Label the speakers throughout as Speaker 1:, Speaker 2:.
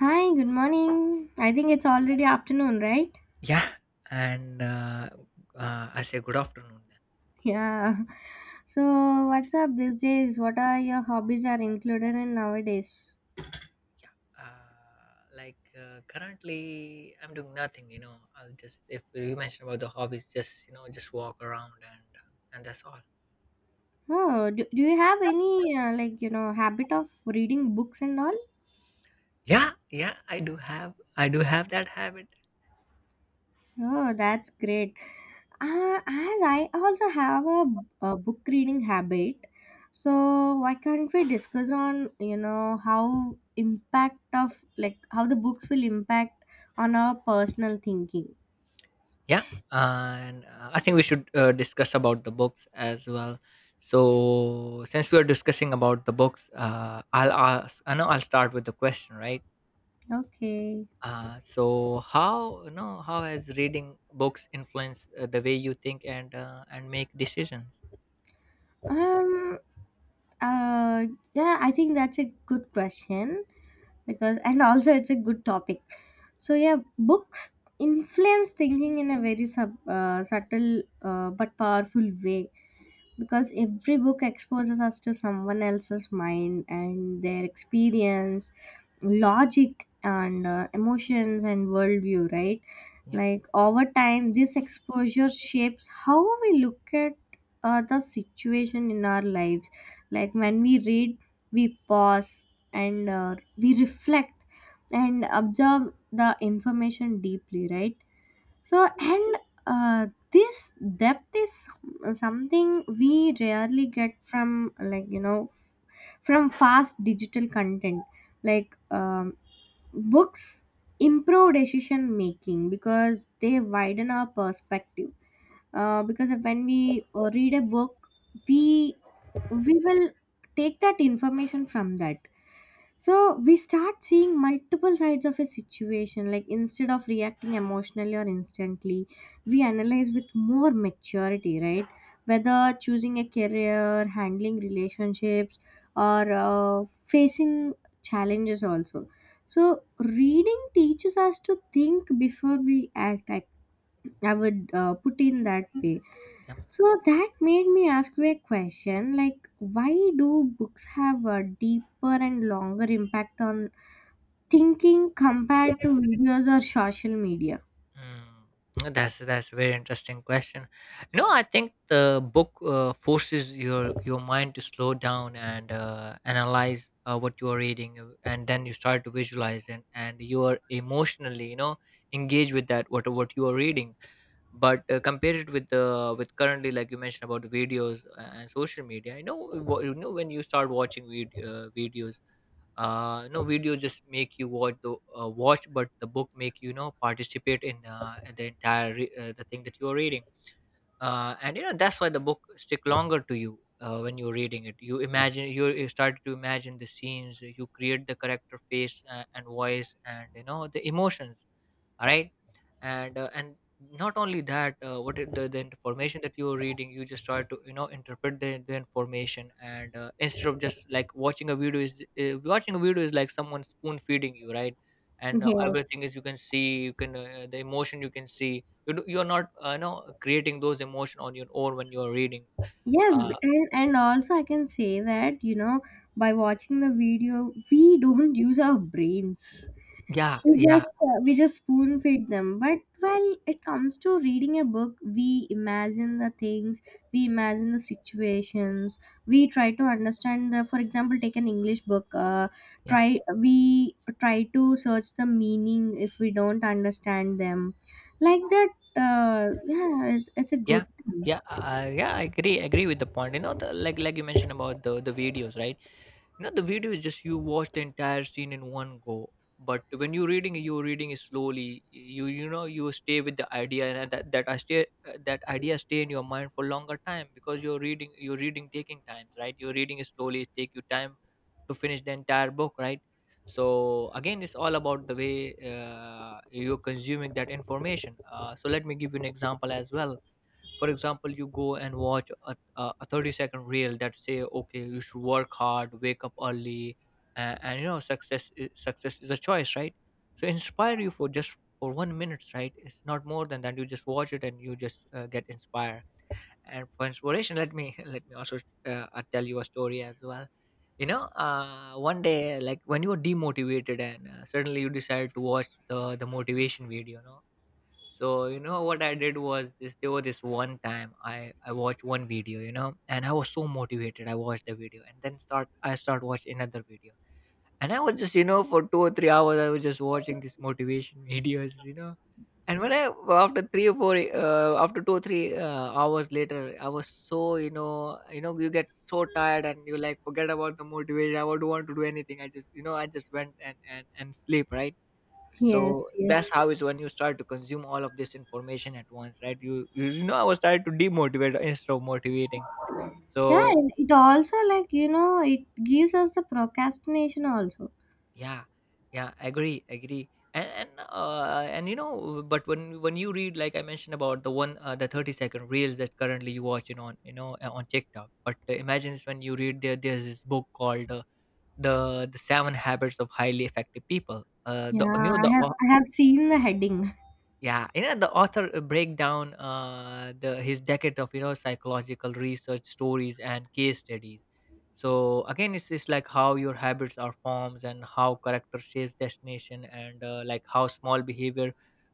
Speaker 1: Hi, good morning. I think it's already afternoon, right?
Speaker 2: Yeah, and I say good afternoon then.
Speaker 1: Yeah. So, what's up these days? What are your hobbies are included in nowadays?
Speaker 2: Currently I'm doing nothing. You know, I'll just if you mentioned about the hobbies, just you know, just walk around and that's all.
Speaker 1: Oh, do you have any like habit of reading books and all?
Speaker 2: Yeah, yeah, I do have that habit.
Speaker 1: Oh, that's great. As I also have a book reading habit, so why can't we discuss on how impact of like how the books will impact on our personal thinking?
Speaker 2: Yeah, and I think we should discuss about the books as well. So since we are discussing about the books, I'll ask. I know I'll start with the question, right?
Speaker 1: Okay.
Speaker 2: So how you know how has reading books influenced the way you think and make decisions?
Speaker 1: Um. Uh. Yeah, I think that's a good question because, and also it's a good topic. So yeah, books influence thinking in a very subtle but powerful way because every book exposes us to someone else's mind and their experience logic and emotions and worldview, right?
Speaker 2: Yeah.
Speaker 1: Like over time this exposure shapes how we look at the situation in our lives. Like when we read, we pause and we reflect and observe the information deeply, right? So and uh, this depth is something we rarely get from like from fast digital content. Like books improve decision making because they widen our perspective, because when we read a book, we we will take that information from that, so we start seeing multiple sides of a situation. Like instead of reacting emotionally or instantly, we analyze with more maturity, right? Whether choosing a career, handling relationships, or facing challenges also. So reading teaches us to think before we act. I would put in that way.
Speaker 2: Yeah.
Speaker 1: So that made me ask you a question like, why do books have a deeper and longer impact on thinking compared to videos or social media?
Speaker 2: Mm. That's a very interesting question. You know, I think the book forces your mind to slow down and analyze what you are reading, and then you start to visualize and you are emotionally, you know, engaged with that what you are reading. But compare it with the with currently, like you mentioned about the videos and social media. You know, you know when you start watching videos no video just make you watch the watch, but the book make you, you know, participate in the entire the thing that you are reading, and you know, that's why the book stick longer to you. When you're reading it, you imagine you start to imagine the scenes. You create the character face and voice and, you know, the emotions. Alright. And not only that, the information that you're reading, you just try to, you know, interpret the information. And instead of just like watching a video is like someone spoon feeding you, right? and
Speaker 1: Yes.
Speaker 2: everything is, you can see, you can the emotion you can see, you're not you know, creating those emotion on your own when you're reading.
Speaker 1: Yes,
Speaker 2: uh,
Speaker 1: and also I can say that, by watching the video, we don't use our brains.
Speaker 2: yeah,
Speaker 1: We
Speaker 2: yeah.
Speaker 1: just spoon feed them, but while it comes to reading a book, we imagine the things, we imagine the situations, we try to understand the, for example, take an English book.
Speaker 2: yeah
Speaker 1: Try We try to search the meaning if we don't understand them, like that. Yeah, it's a
Speaker 2: yeah
Speaker 1: good thing.
Speaker 2: yeah uh, yeah I agree with the point. You know, the, like you mentioned about the videos, right? You know, the video is just you watch the entire scene in one go. But when you're reading, you're reading it slowly, you know, you stay with the idea, and that idea stay in your mind for longer time, because you're reading, taking time, right? You're reading it slowly, it take you time to finish the entire book, right? So again, it's all about the way you're consuming that information. So let me give you an example as well. For example, you go and watch a 30-second reel that say, okay, you should work hard, wake up early, and you know, success is a choice, right? So inspire you for just for one minute, right? It's not more than that. You just watch it and you just get inspired. And for inspiration, let me let me also tell you a story as well. You know, one day, like when you were demotivated, and suddenly you decided to watch the motivation video, no? So you know what I did was this. There was this one time, I watched one video, you know, and I was so motivated. I watched the video, and then start I start watch another video, and I was just, you know, for 2 or 3 hours I was just watching these motivation videos, you know, and when I after three or four after two or three hours later, I was so, you know, you know, you get so tired and you like forget about the motivation. I don't want to do anything. I just, you know, I just went and sleep, right? So
Speaker 1: Yes, yes,
Speaker 2: that's how is when you start to consume all of this information at once, right? You know, I was trying to demotivate instead of motivating.
Speaker 1: yeah,
Speaker 2: So
Speaker 1: and it also like it gives us the procrastination also.
Speaker 2: yeah, yeah agree agree and you know, but when you read, like I mentioned about the one the 30-second reels that currently you watching on, you know, on TikTok. But imagine it's when you read, there's this book called the the Seven Habits of Highly Effective People. The
Speaker 1: Yeah,
Speaker 2: you know,
Speaker 1: i have i have seen the heading.
Speaker 2: yeah, you know, the author break down the his decade of, you know, psychological research, stories and case studies. So again, it's just like how your habits are forms and how character shapes destination, and like how small behavior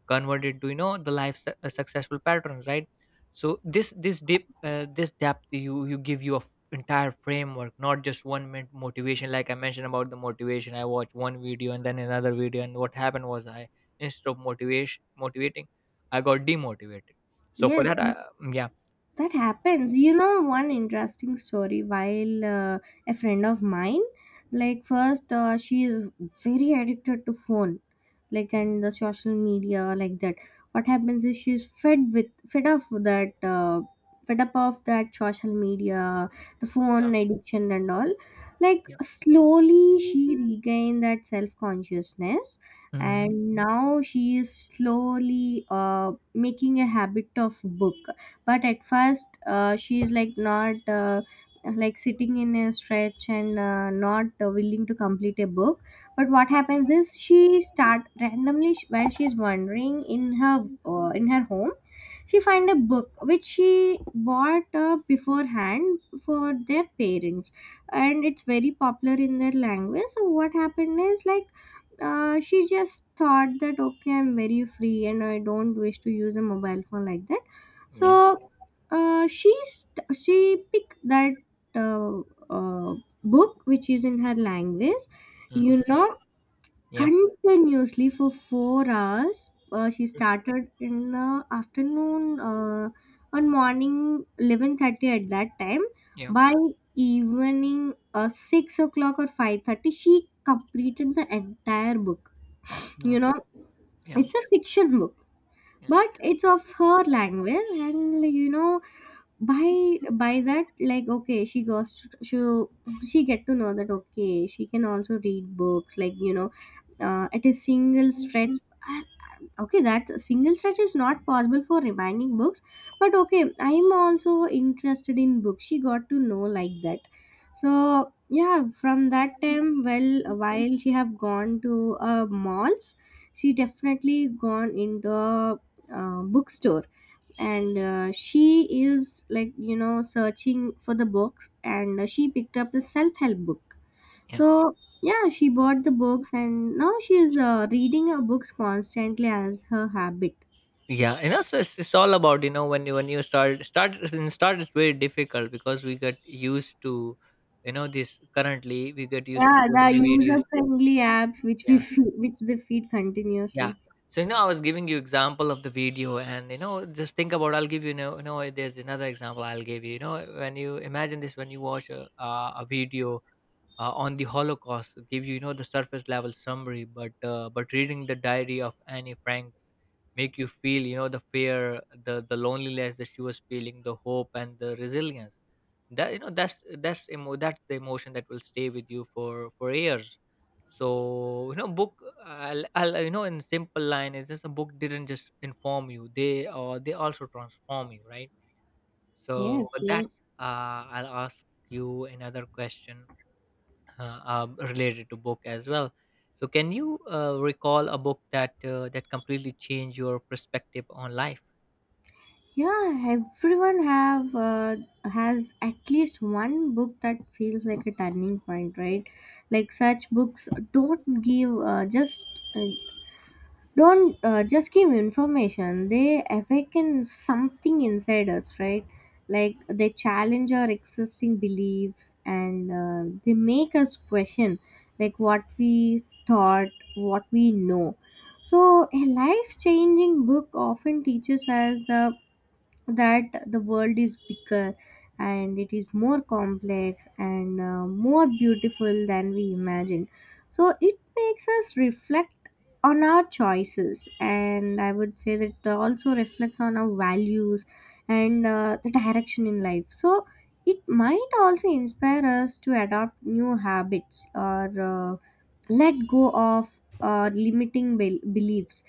Speaker 2: converted to, you know, the life successful patterns, right? So this depth you give you a entire framework, not just one minute motivation. Like I mentioned about the motivation, I watched one video and then another video, and what happened was I, instead of motivation motivating, I got demotivated. So for
Speaker 1: Yes,
Speaker 2: that
Speaker 1: yes,
Speaker 2: I, yeah.
Speaker 1: that happens. You know, one interesting story. While a friend of mine, like, first, she is very addicted to phone, like, and the social media, like that. What happens is she's fed up that, fed up of that social media, the
Speaker 2: Yeah.
Speaker 1: phone addiction, and all. Like,
Speaker 2: Yeah.
Speaker 1: slowly she regained that self consciousness.
Speaker 2: Mhm.
Speaker 1: And now she is slowly making a habit of book, but at first she is like not like sitting in a stretch and not willing to complete a book. But what happens is she start randomly, while she is wandering in her, in her home, she find a book which she bought beforehand for their parents. And it's very popular in their language. So what happened is like, she just thought that, okay, I'm very free and I don't wish to use a mobile phone like that.
Speaker 2: Yeah.
Speaker 1: So she picked that, uh, uh, book which is in her language, you
Speaker 2: Mhm.
Speaker 1: know,
Speaker 2: Yeah.
Speaker 1: continuously for 4 hours. She started in the afternoon, on morning 11:30 at that time.
Speaker 2: Yeah.
Speaker 1: By evening 6 o'clock or 5:30, she completed the entire book.
Speaker 2: Mm.
Speaker 1: You know,
Speaker 2: Yeah.
Speaker 1: it's a fiction book,
Speaker 2: Yeah.
Speaker 1: but it's of her language, and by that like, okay, she get to know that, okay, she can also read books like at a single stretch. I- okay, that single stretch is not possible for remaining books, but okay, I'm also interested in books, she got to know like that. So yeah, from that time, well, while she have gone to malls, she definitely gone into a, bookstore, and she is like searching for the books, and she picked up the self-help book.
Speaker 2: Yeah.
Speaker 1: So yeah, she bought the books and now she is reading her books constantly as her habit.
Speaker 2: Yeah, you know, so it's all about, you know, when you start, it's very difficult, because we get used to, you know, this currently we get used to
Speaker 1: Yeah,
Speaker 2: so
Speaker 1: the
Speaker 2: many
Speaker 1: user
Speaker 2: videos.
Speaker 1: friendly apps which we
Speaker 2: Yeah.
Speaker 1: feed, which they feed
Speaker 2: Yeah.
Speaker 1: continuously.
Speaker 2: So, you know, I was giving you example of the video, and, you know, just think about, I'll give you, you know, there's another example I'll give you, you know, when you imagine this, when you watch a video on the Holocaust give you, you know, the surface level summary, but reading the diary of Annie Frank make you feel, you know, the fear, the loneliness that she was feeling, the hope and the resilience. That, you know, that's the emotion that will stay with you for years. So you know, I'll, you know, in simple line, is just a book didn't just inform you; they also transform you, right? So
Speaker 1: Yes,
Speaker 2: for that,
Speaker 1: yes,
Speaker 2: I'll ask you another question are related to book as well. So, can you recall a book that that completely changed your perspective on life?
Speaker 1: yeah, everyone have has at least one book that feels like a turning point, right? Like such books don't give just uh, don't just give information, they awaken something inside us, right? Like they challenge our existing beliefs and they make us question like what we thought, what we know. So a life changing book often teaches us the that the world is bigger and it is more complex and more beautiful than we imagine. So it makes us reflect on our choices, and I would say that it also reflects on our values and the direction in life. So it might also inspire us to adopt new habits or let go of limiting beliefs.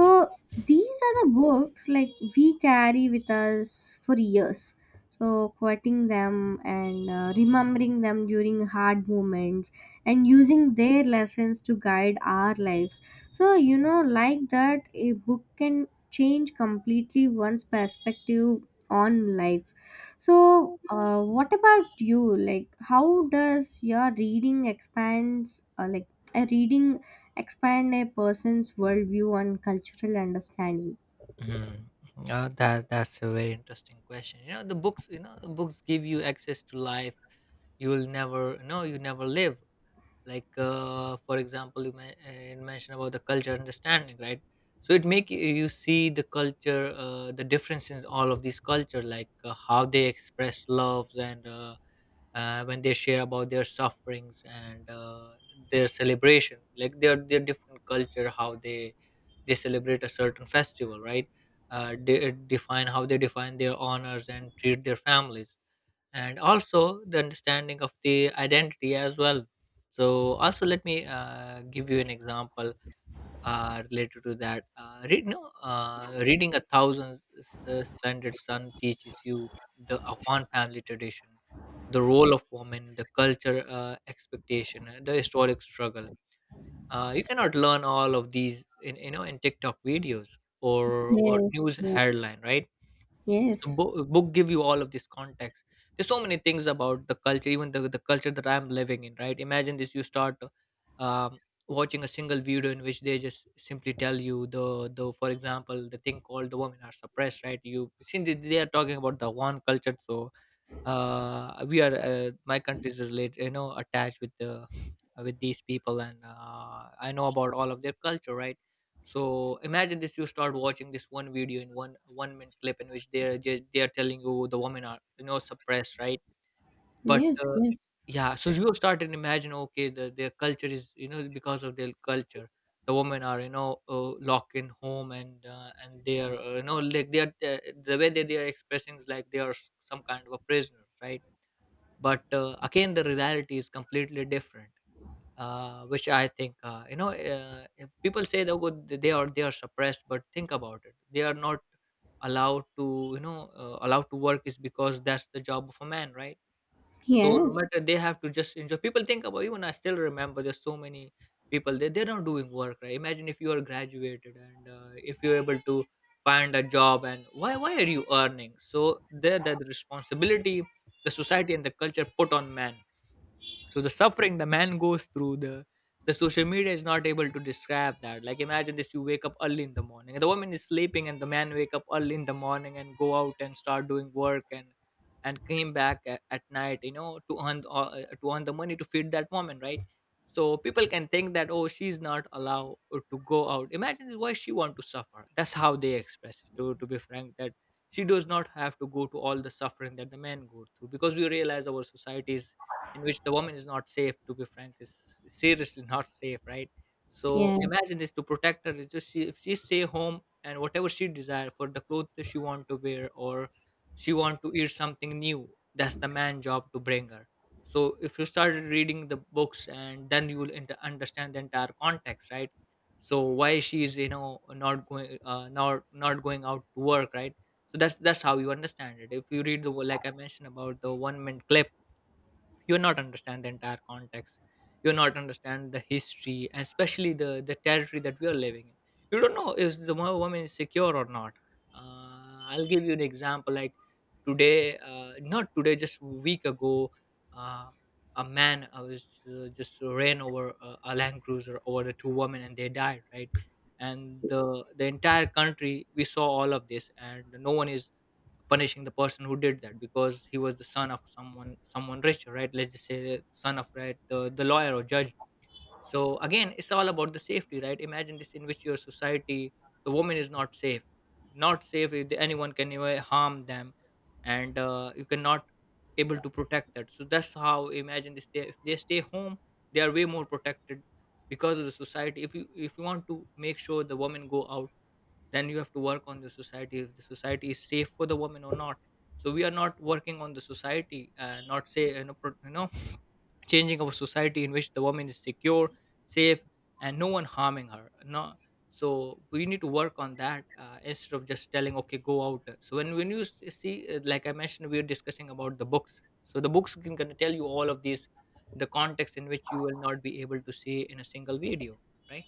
Speaker 2: Yeah.
Speaker 1: these are the books like we carry with us for years. So quoting them and remembering them during hard moments and using their lessons to guide our lives. So like that, a book can change completely one's perspective on life. So, what about you? Like, how does your reading expands, like, a reading expand a person's worldview and cultural understanding?
Speaker 2: Mhm. That's a very interesting question. You know, the books, you know, the books give you access to life you will never, you never live. Like for example you mentioned about the culture understanding, right? So it make you you see the culture, the difference in all of these culture. Like how they express loves and when they share about their sufferings and their celebration, like their different culture, how they celebrate a certain festival, right? They define how they define their honors and treat their families, and also the understanding of the identity as well. So also let me give you an example related to that. Read, no, Reading A Thousand Splendid Sun teaches you the Afghan family tradition, the role of women, the culture expectation, the historic struggle. You cannot learn all of these in, you know, in TikTok videos or
Speaker 1: Yes,
Speaker 2: news
Speaker 1: yeah.
Speaker 2: headline, right? The
Speaker 1: Yes,
Speaker 2: book give you all of this context. There's so many things about the culture, even the culture that I'm living in, right? Imagine this, you start um, watching a single video in which they just simply tell you the for example the thing called the women are suppressed, right? You since they are talking about the one culture. So we are my country is related, you know, attached with the with these people, and I know about all of their culture, right? So imagine this, you start watching this one video in one minute clip in which they're telling you the women are, you know, suppressed, right? But
Speaker 1: yes, yes,
Speaker 2: yeah, so you start and imagine, okay, their culture is, you know, because of their culture the women are, you know, locked in home, and they are you know, like the way that they are expressing is like they are some kind of a prisoner, right? But again, the reality is completely different. Which I think, if people say that good, they are suppressed. But think about it, they are not allowed to, you know, allowed to work, is because that's the job of a man, right? So no
Speaker 1: yes,
Speaker 2: matter, they have to just enjoy. People think about, even I still remember, there's so many people they're not doing work, right? Imagine if you are graduated, and if you're able to find a job, and why are you earning? So there that The responsibility the society and the culture put on man. So the suffering the man goes through, the social media is not able to describe that. Like, imagine this: you wake up early in the morning and the woman is sleeping, and the man wake up early in the morning and go out and start doing work and came back at night, you know, to earn the money to feed that woman, right? So people can think that, oh, she's not allowed to go out. Imagine, why she want to suffer? That's how they express it. To be frank, that she does not have to go to all the suffering that the men go through, because we realize our societies in which the woman is not safe, to be frank, is seriously not safe, right? So
Speaker 1: yes,
Speaker 2: imagine this, to protect her, it's just she, if she stay home, and whatever she desire for the clothes that she want to wear, or she want to eat something new, that's the man job to bring her. So if you start reading the books, and then you will understand the entire context, right? So why she is, you know, not going not going out to work, right? So that's how you understand it. If you read the, like I mentioned about the 1 minute clip, you will not understand the entire context, you will not understand the history, and especially the territory that we are living in. You don't know if the woman is secure or not. I'll give you an example. Like, today, not today, just a week ago, uh, a man, I was, just ran over a land cruiser over the two women, and they died, right? And the entire country, we saw all of this, and no one is punishing the person who did that, because he was the son of someone, someone rich, right? Let's just say the son of, right, the lawyer or judge. So again, it's all about the safety, right? Imagine this, in which your society, the woman is not safe, not safe, if anyone can even harm them. And you cannot able to protect that. So that's how, imagine this, they, if they stay home, they are way more protected. Because of the society, if you, if you want to make sure the women go out, then you have to work on the society, if the society is safe for the woman or not. So we are not working on the society, not say, you know, you know, changing our society in which the woman is secure, safe, and no one harming her, no. So we need to work on that, instead of just telling, okay, go out. So when you see, like I mentioned, we are discussing about the books, so the books can, gonna tell you all of these, the context in which you will not be able to see in a single video, right?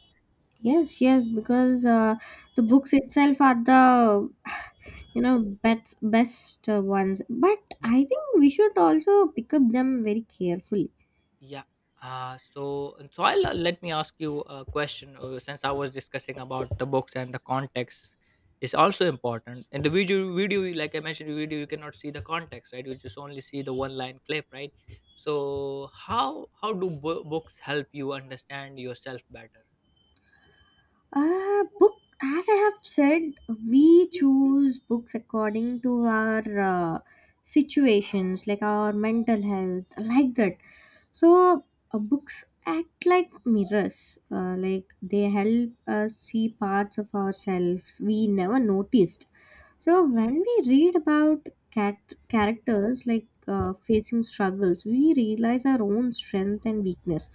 Speaker 1: yes, yes. Because the books itself are the best ones, but
Speaker 2: Yeah.
Speaker 1: I think we should also pick up them very carefully.
Speaker 2: Yeah. So, and so I'll, let me ask you a question. Since I was discussing about the books and the context is also important. In the video, you- like I mentioned, in the video you cannot see the context, right? You just only see the one line clip, right? So, how do books help you understand yourself better?
Speaker 1: Book, as I have said, we choose books according to our situations, like our mental health, like that. So, books act like mirrors, like they help us see parts of ourselves we never noticed.
Speaker 2: Yeah,
Speaker 1: So, when we read about cat characters like facing struggles, we realize our own strength and weakness.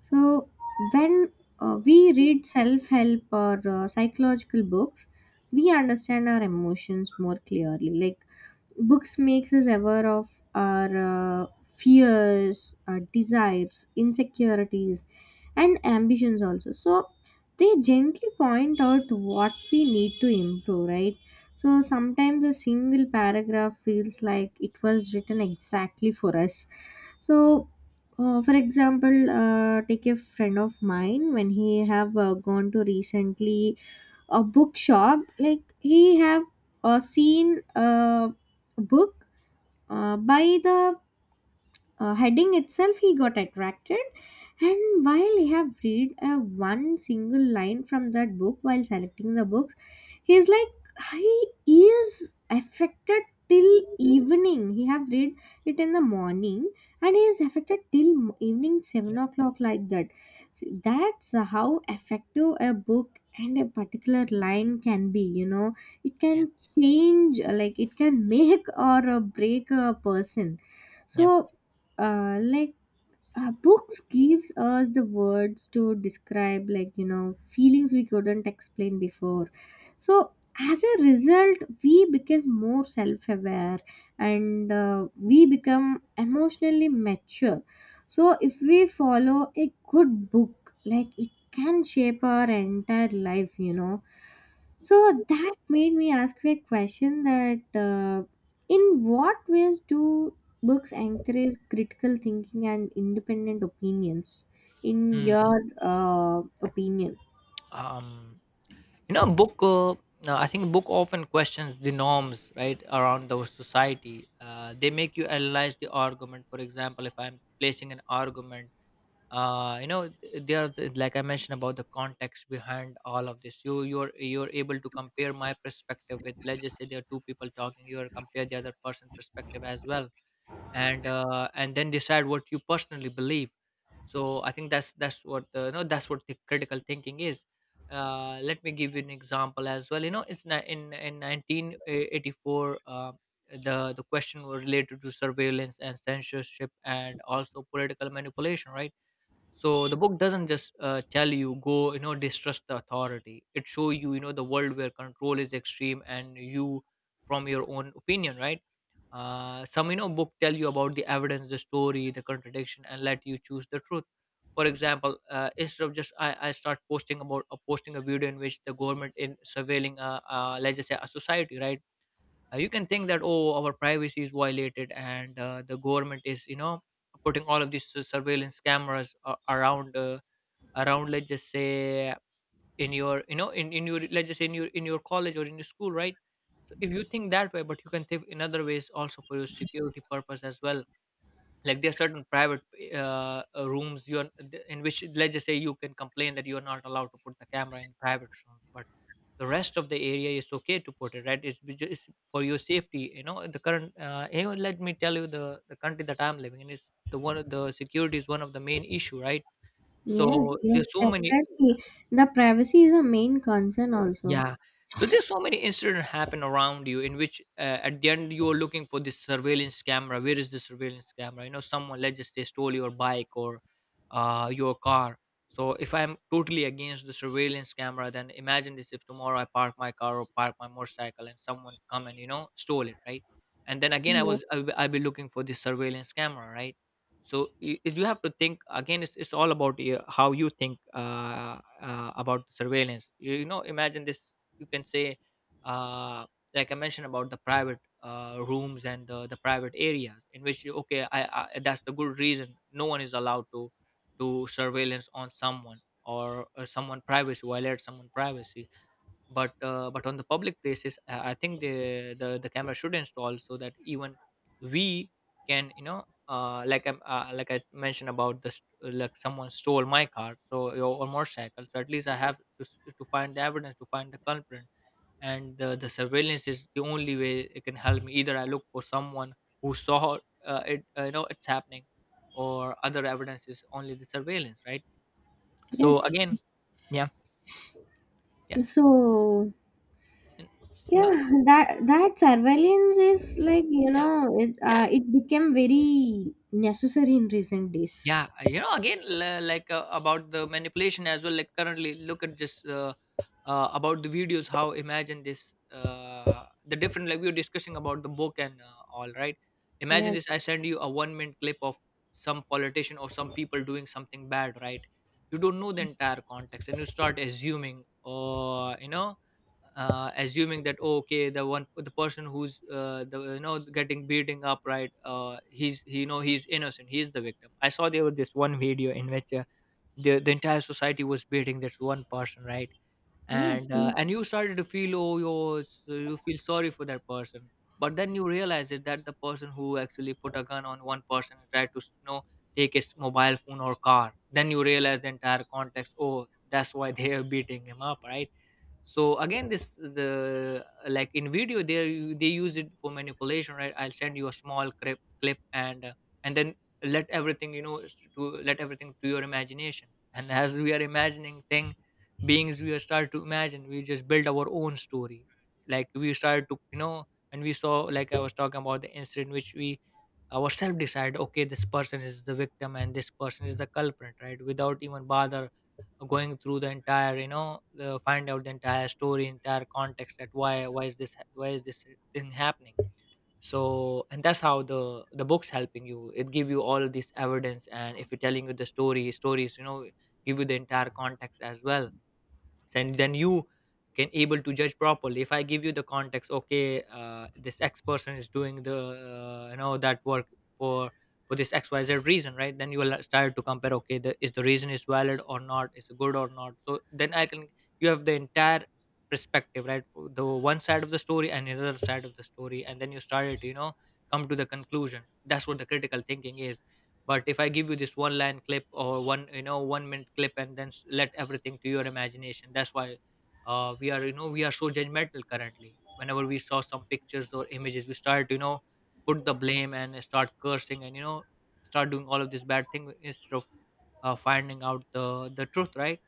Speaker 1: So, when we read self help or psychological books, we understand our emotions more clearly. Like, books makes us aware of our fears, our desires, insecurities, and ambitions also. So, they gently point out what we need to improve, right? So, sometimes a single paragraph feels like it was written exactly for us. So, for example, take a friend of mine when he have gone to recently a bookshop. Like he have seen a book by the heading itself he got attracted, and while he have read one single line from that book while selecting the books, he's like, he is affected till evening. He have read it in the morning and he is affected till evening
Speaker 2: yeah,
Speaker 1: 7 o'clock, like that. So that's how effective a book and a particular line can be, it
Speaker 2: yeah.
Speaker 1: can change like it can make or break a person.
Speaker 2: Yeah.
Speaker 1: So like books gives us the words to describe like feelings we couldn't explain before. So as a result we become more self-aware and we become emotionally mature. So if we follow a good book, like, it can shape our entire life. So that made me ask you a question that, in what ways do books encourage critical thinking and independent opinions? In
Speaker 2: Hmm.
Speaker 1: your opinion?
Speaker 2: Um, you know, book, I think book often questions the norms, right, around the society. They make you analyze the argument. For example, if I'm placing an argument, you know, there are like I mentioned about the context behind all of this, you're you're able to, and then decide what you personally believe. So I think that's what, you know, that's what the critical thinking is. Let me give you an example as well. You know, it's, in 1984, the question was related to surveillance and censorship and also political manipulation, right? So the book doesn't just, tell you, go, you know, distrust the authority. It shows you, you know, the world where control is extreme, and you from your own opinion, right? Some, you know, book tell you about the evidence, the story, the contradiction, and let you choose the truth. For example, instead of just I start posting about, posting a video in which the government in surveilling, let's just say a society, right? You can think that, oh, our privacy is violated, and the government is, you know, putting all of these surveillance cameras around, around, let's just say, in your, you know, in your, let's just say, in your, in your college, or in your school, right? So if you think that way, but you can think in other ways also for your security purpose as well. Like there are certain private, rooms you are, in which, let's just say, you can complain that you are not allowed to put the camera in private rooms, but the rest of the area is okay to put it, right? It's, it's for your safety. You know, the current, you know, let me tell you, the country that I'm living in is the one of the security is one of the main issue, right? So
Speaker 1: Yes, yes,
Speaker 2: there's so many.
Speaker 1: definitely. The privacy is a main concern also.
Speaker 2: Yeah. So there's so many incidents happen around you in which, at the end you're looking for this surveillance camera. Where is the surveillance camera? You know, someone, let's just say, stole your bike, or your car. So if I'm totally against the surveillance camera, then imagine this: if tomorrow I park my car or park my motorcycle and someone come and you know stole it, right? And then again,
Speaker 1: Yeah.
Speaker 2: I'll be looking for this surveillance camera, right? So you have to think again, it's all about you, how you think, about the surveillance. You you know, imagine this, you can say, uh, like I mentioned about the private rooms, and the private areas, in which you, okay, I, that's the good reason, no one is allowed to surveillance on someone, or someone privacy, violate someone privacy. But but on the public places, I think the the camera should install, so that even we can, you know, like I like I mentioned about this, like someone stole my car, so, or motorcycle, so at least I have to, to find the evidence, to find the culprit. And the surveillance is the only way it can help me, either I look for someone who saw, it, you know, it's happening, or other evidence is only the surveillance, right? So
Speaker 1: Yes.
Speaker 2: again. Yeah. Yeah.
Speaker 1: So
Speaker 2: And- No,
Speaker 1: yeah,
Speaker 2: it's-
Speaker 1: that surveillance is like
Speaker 2: Yeah.
Speaker 1: it
Speaker 2: Yeah.
Speaker 1: uh, it became very necessary in recent
Speaker 2: Yeah.
Speaker 1: days.
Speaker 2: You know, again, like, about the manipulation as well, like currently look at this, about the videos, how, imagine this, the different, like we were discussing about the book and, all right, imagine
Speaker 1: Yes.
Speaker 2: this, I send you a 1 minute clip of some politician or some people doing something bad, right? You don't know the entire context, and you start assuming, or you know, assuming that, oh, okay, the one, the person who's, the, you know, getting beating up, right, he's you know, he's innocent, he's the victim. I saw, there was this one video in which, the entire society was beating this one person, right?
Speaker 1: Yes.
Speaker 2: And
Speaker 1: Yes.
Speaker 2: and you started to feel, oh yo, it's- you feel sorry for that person. But then you realize it, that the person who actually put a gun on one person and tried to, you know, take his mobile phone or car, then you realize the entire context, oh, that's why they are beating him up, right? So again, this the, like in video, they use it for manipulation, right? I'll send you a small clip and, and then let everything, you know, to let everything to your imagination. And as we are imagining thing beings, we are start to imagine, we just build our own story. Like we started to, you know, and we saw, like I was talking about the incident, which we ourselves decide, okay, this person is the victim and this person is the culprit, right, without even bother going through the entire, you know, the, find out the entire story, entire context, that why is this, why is this thing happening. So, and that's how the book's helping you, it give you all of this evidence, and if you're telling you the story, stories, You know, give you the entire context as well. And then you can able to judge properly. If I give you the context, okay, this X person is doing the that work for for this XYZ reason, right? Then you will start to compare, okay, is the reason is valid or not, is it good or not? So then I can, you have the entire perspective, right? For the one side of the story and another side of the story, and then you started to come to the conclusion. That's what the critical thinking is. But if I give you this one line clip or one one minute clip and then let everything to your imagination. That's why we are, we are so judgmental currently. Whenever we saw some pictures or images, we start, put the blame and start cursing and start doing all of this bad thing instead of finding out the truth, right?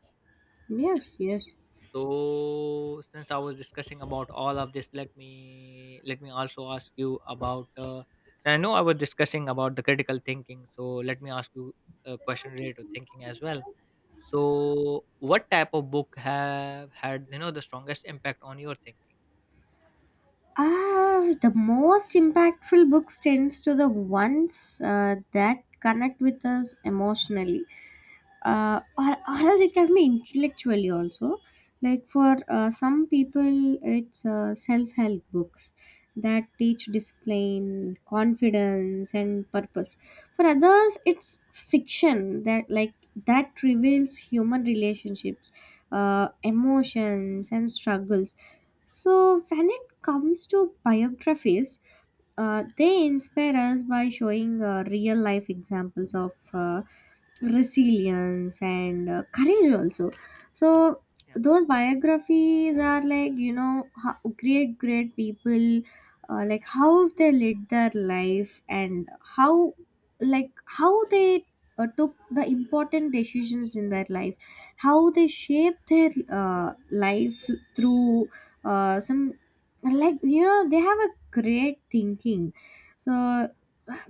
Speaker 1: Yes. Yes.
Speaker 2: So since I was discussing about all of this, let me also ask you about. So I know I was discussing about the critical thinking. So let me ask you a question related to thinking as well. So what type of book have had the strongest impact on your thinking?
Speaker 1: Ah, the most impactful books tends to the ones that connect with us emotionally, or else it can be intellectually also. Like for some people it's self-help books that teach discipline, confidence, and purpose. For others it's fiction that reveals human relationships, emotions, and struggles. So when it comes to biographies, they inspire us by showing real life examples of resilience and courage also.
Speaker 2: Yeah.
Speaker 1: So
Speaker 2: Yeah.
Speaker 1: those biographies are like how great people, like, how they led their life, and how, how they took the important decisions in their life, how they shaped their life through some, like, they have a great thinking. So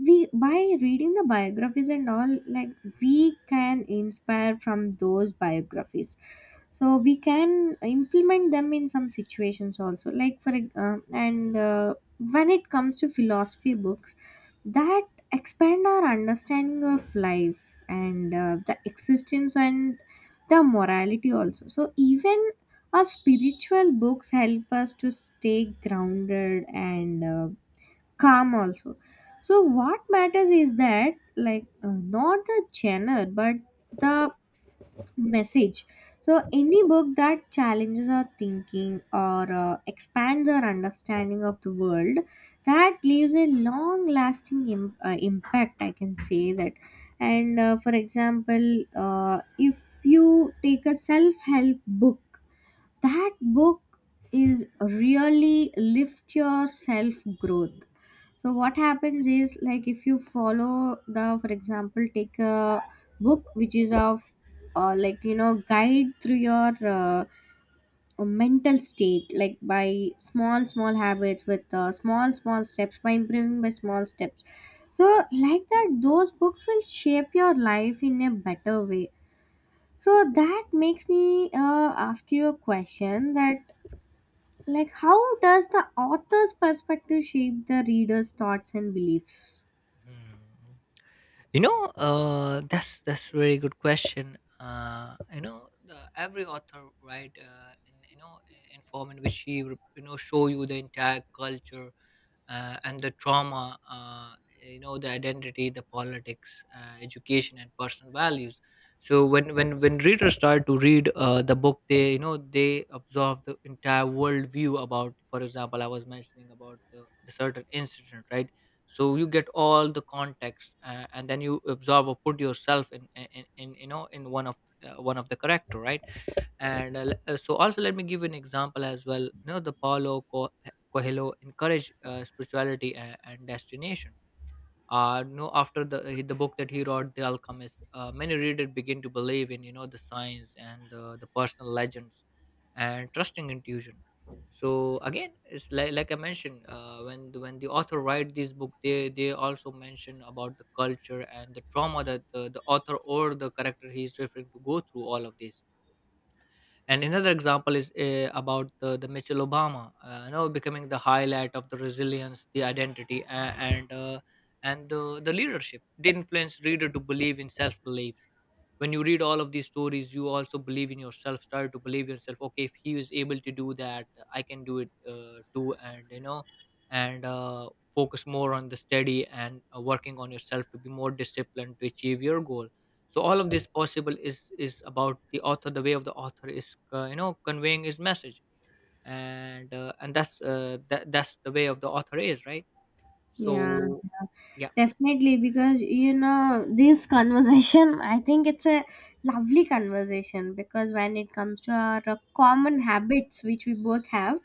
Speaker 1: we, by reading the biographies and all, like, we can inspire from those biographies, so we can implement them in some situations also, like, and when it comes to philosophy books that expand our understanding of life and the existence and the morality also. So even our spiritual books help us to stay grounded and calm also. So what matters is that like, not the genre, but the message. So any book that challenges our thinking or expands our understanding of the world, that leaves a long lasting impact, I can say that. And for example, if you take a self help book, that book is really lift your self growth. So what happens is like, if you follow the for example, take a book which is of, like guide through your mental state, like by small small habits with small small steps, by improving by small steps. So like that, those books will shape your life in a better way. So that makes me ask you a question that, like, how does the author's perspective shape the reader's thoughts and beliefs?
Speaker 2: Hmm. You know, that's really good question. You know, every author write in in form in which he would, show you the entire culture, and the trauma, the identity, the politics, education and personal values. So when readers start to read the book, they, they absorb the entire worldview. About, for example, I was mentioning about the certain incident, right? So you get all the context, and then you absorb or put yourself in in one of the character, right? So also let me give you an example as well. You know, the Paulo Coelho encouraged spirituality and, destination. No After the book that he wrote, The Alchemist, many readers begin to believe in the science and the personal legends and trusting intuition. So again, it's like I mentioned, when when the author write this book, they also mention about the culture and the trauma that the author or the character he is referring to go through all of this. And another example is about the Michelle Obama, becoming the highlight of the resilience, the identity, and the leadership. They influence reader to believe in self belief. When you read all of these stories, you also believe in yourself. Start to believe yourself. Okay, if he was able to do that, I can do it too. And you know, and focus more on the study and working on yourself to be more disciplined to achieve your goal. So all of this possible is about the author, the way of the author is, conveying his message. And that's the way of the author is, right?
Speaker 1: Yeah,
Speaker 2: So
Speaker 1: yeah,
Speaker 2: yeah,
Speaker 1: definitely. Because this conversation, I think it's a lovely conversation because when it comes to our common habits, which we both have,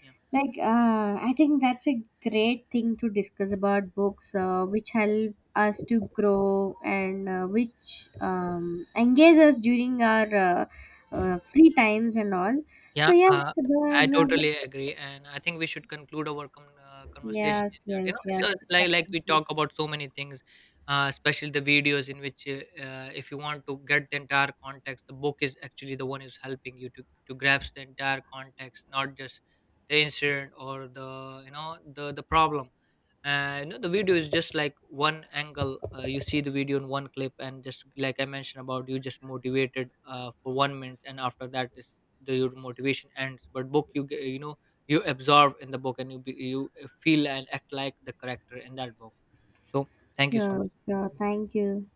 Speaker 2: yeah.
Speaker 1: like, I think that's a great thing to discuss about books, which help us to grow and which engage us during our free times and all. So,
Speaker 2: Yeah,
Speaker 1: yeah,
Speaker 2: I
Speaker 1: there's, uh,
Speaker 2: totally agree, and I think we should conclude our conversation
Speaker 1: yes,
Speaker 2: in that. You
Speaker 1: yes,
Speaker 2: know,
Speaker 1: yes,
Speaker 2: so like we
Speaker 1: definitely.
Speaker 2: talk about so many things, especially the videos in which, if you want to get the entire context, the book is actually the one who's helping you to grasp the entire context, not just the incident or the the problem. And you know, the video is just like one angle. You see the video in one clip, and just like I mentioned about, you just motivated for one minute, and after that is the your motivation ends. But book, you you know, you absorb in the book and you you feel and act like the character in that book. So thank you so
Speaker 1: Sure,
Speaker 2: much.
Speaker 1: sure. Thank you.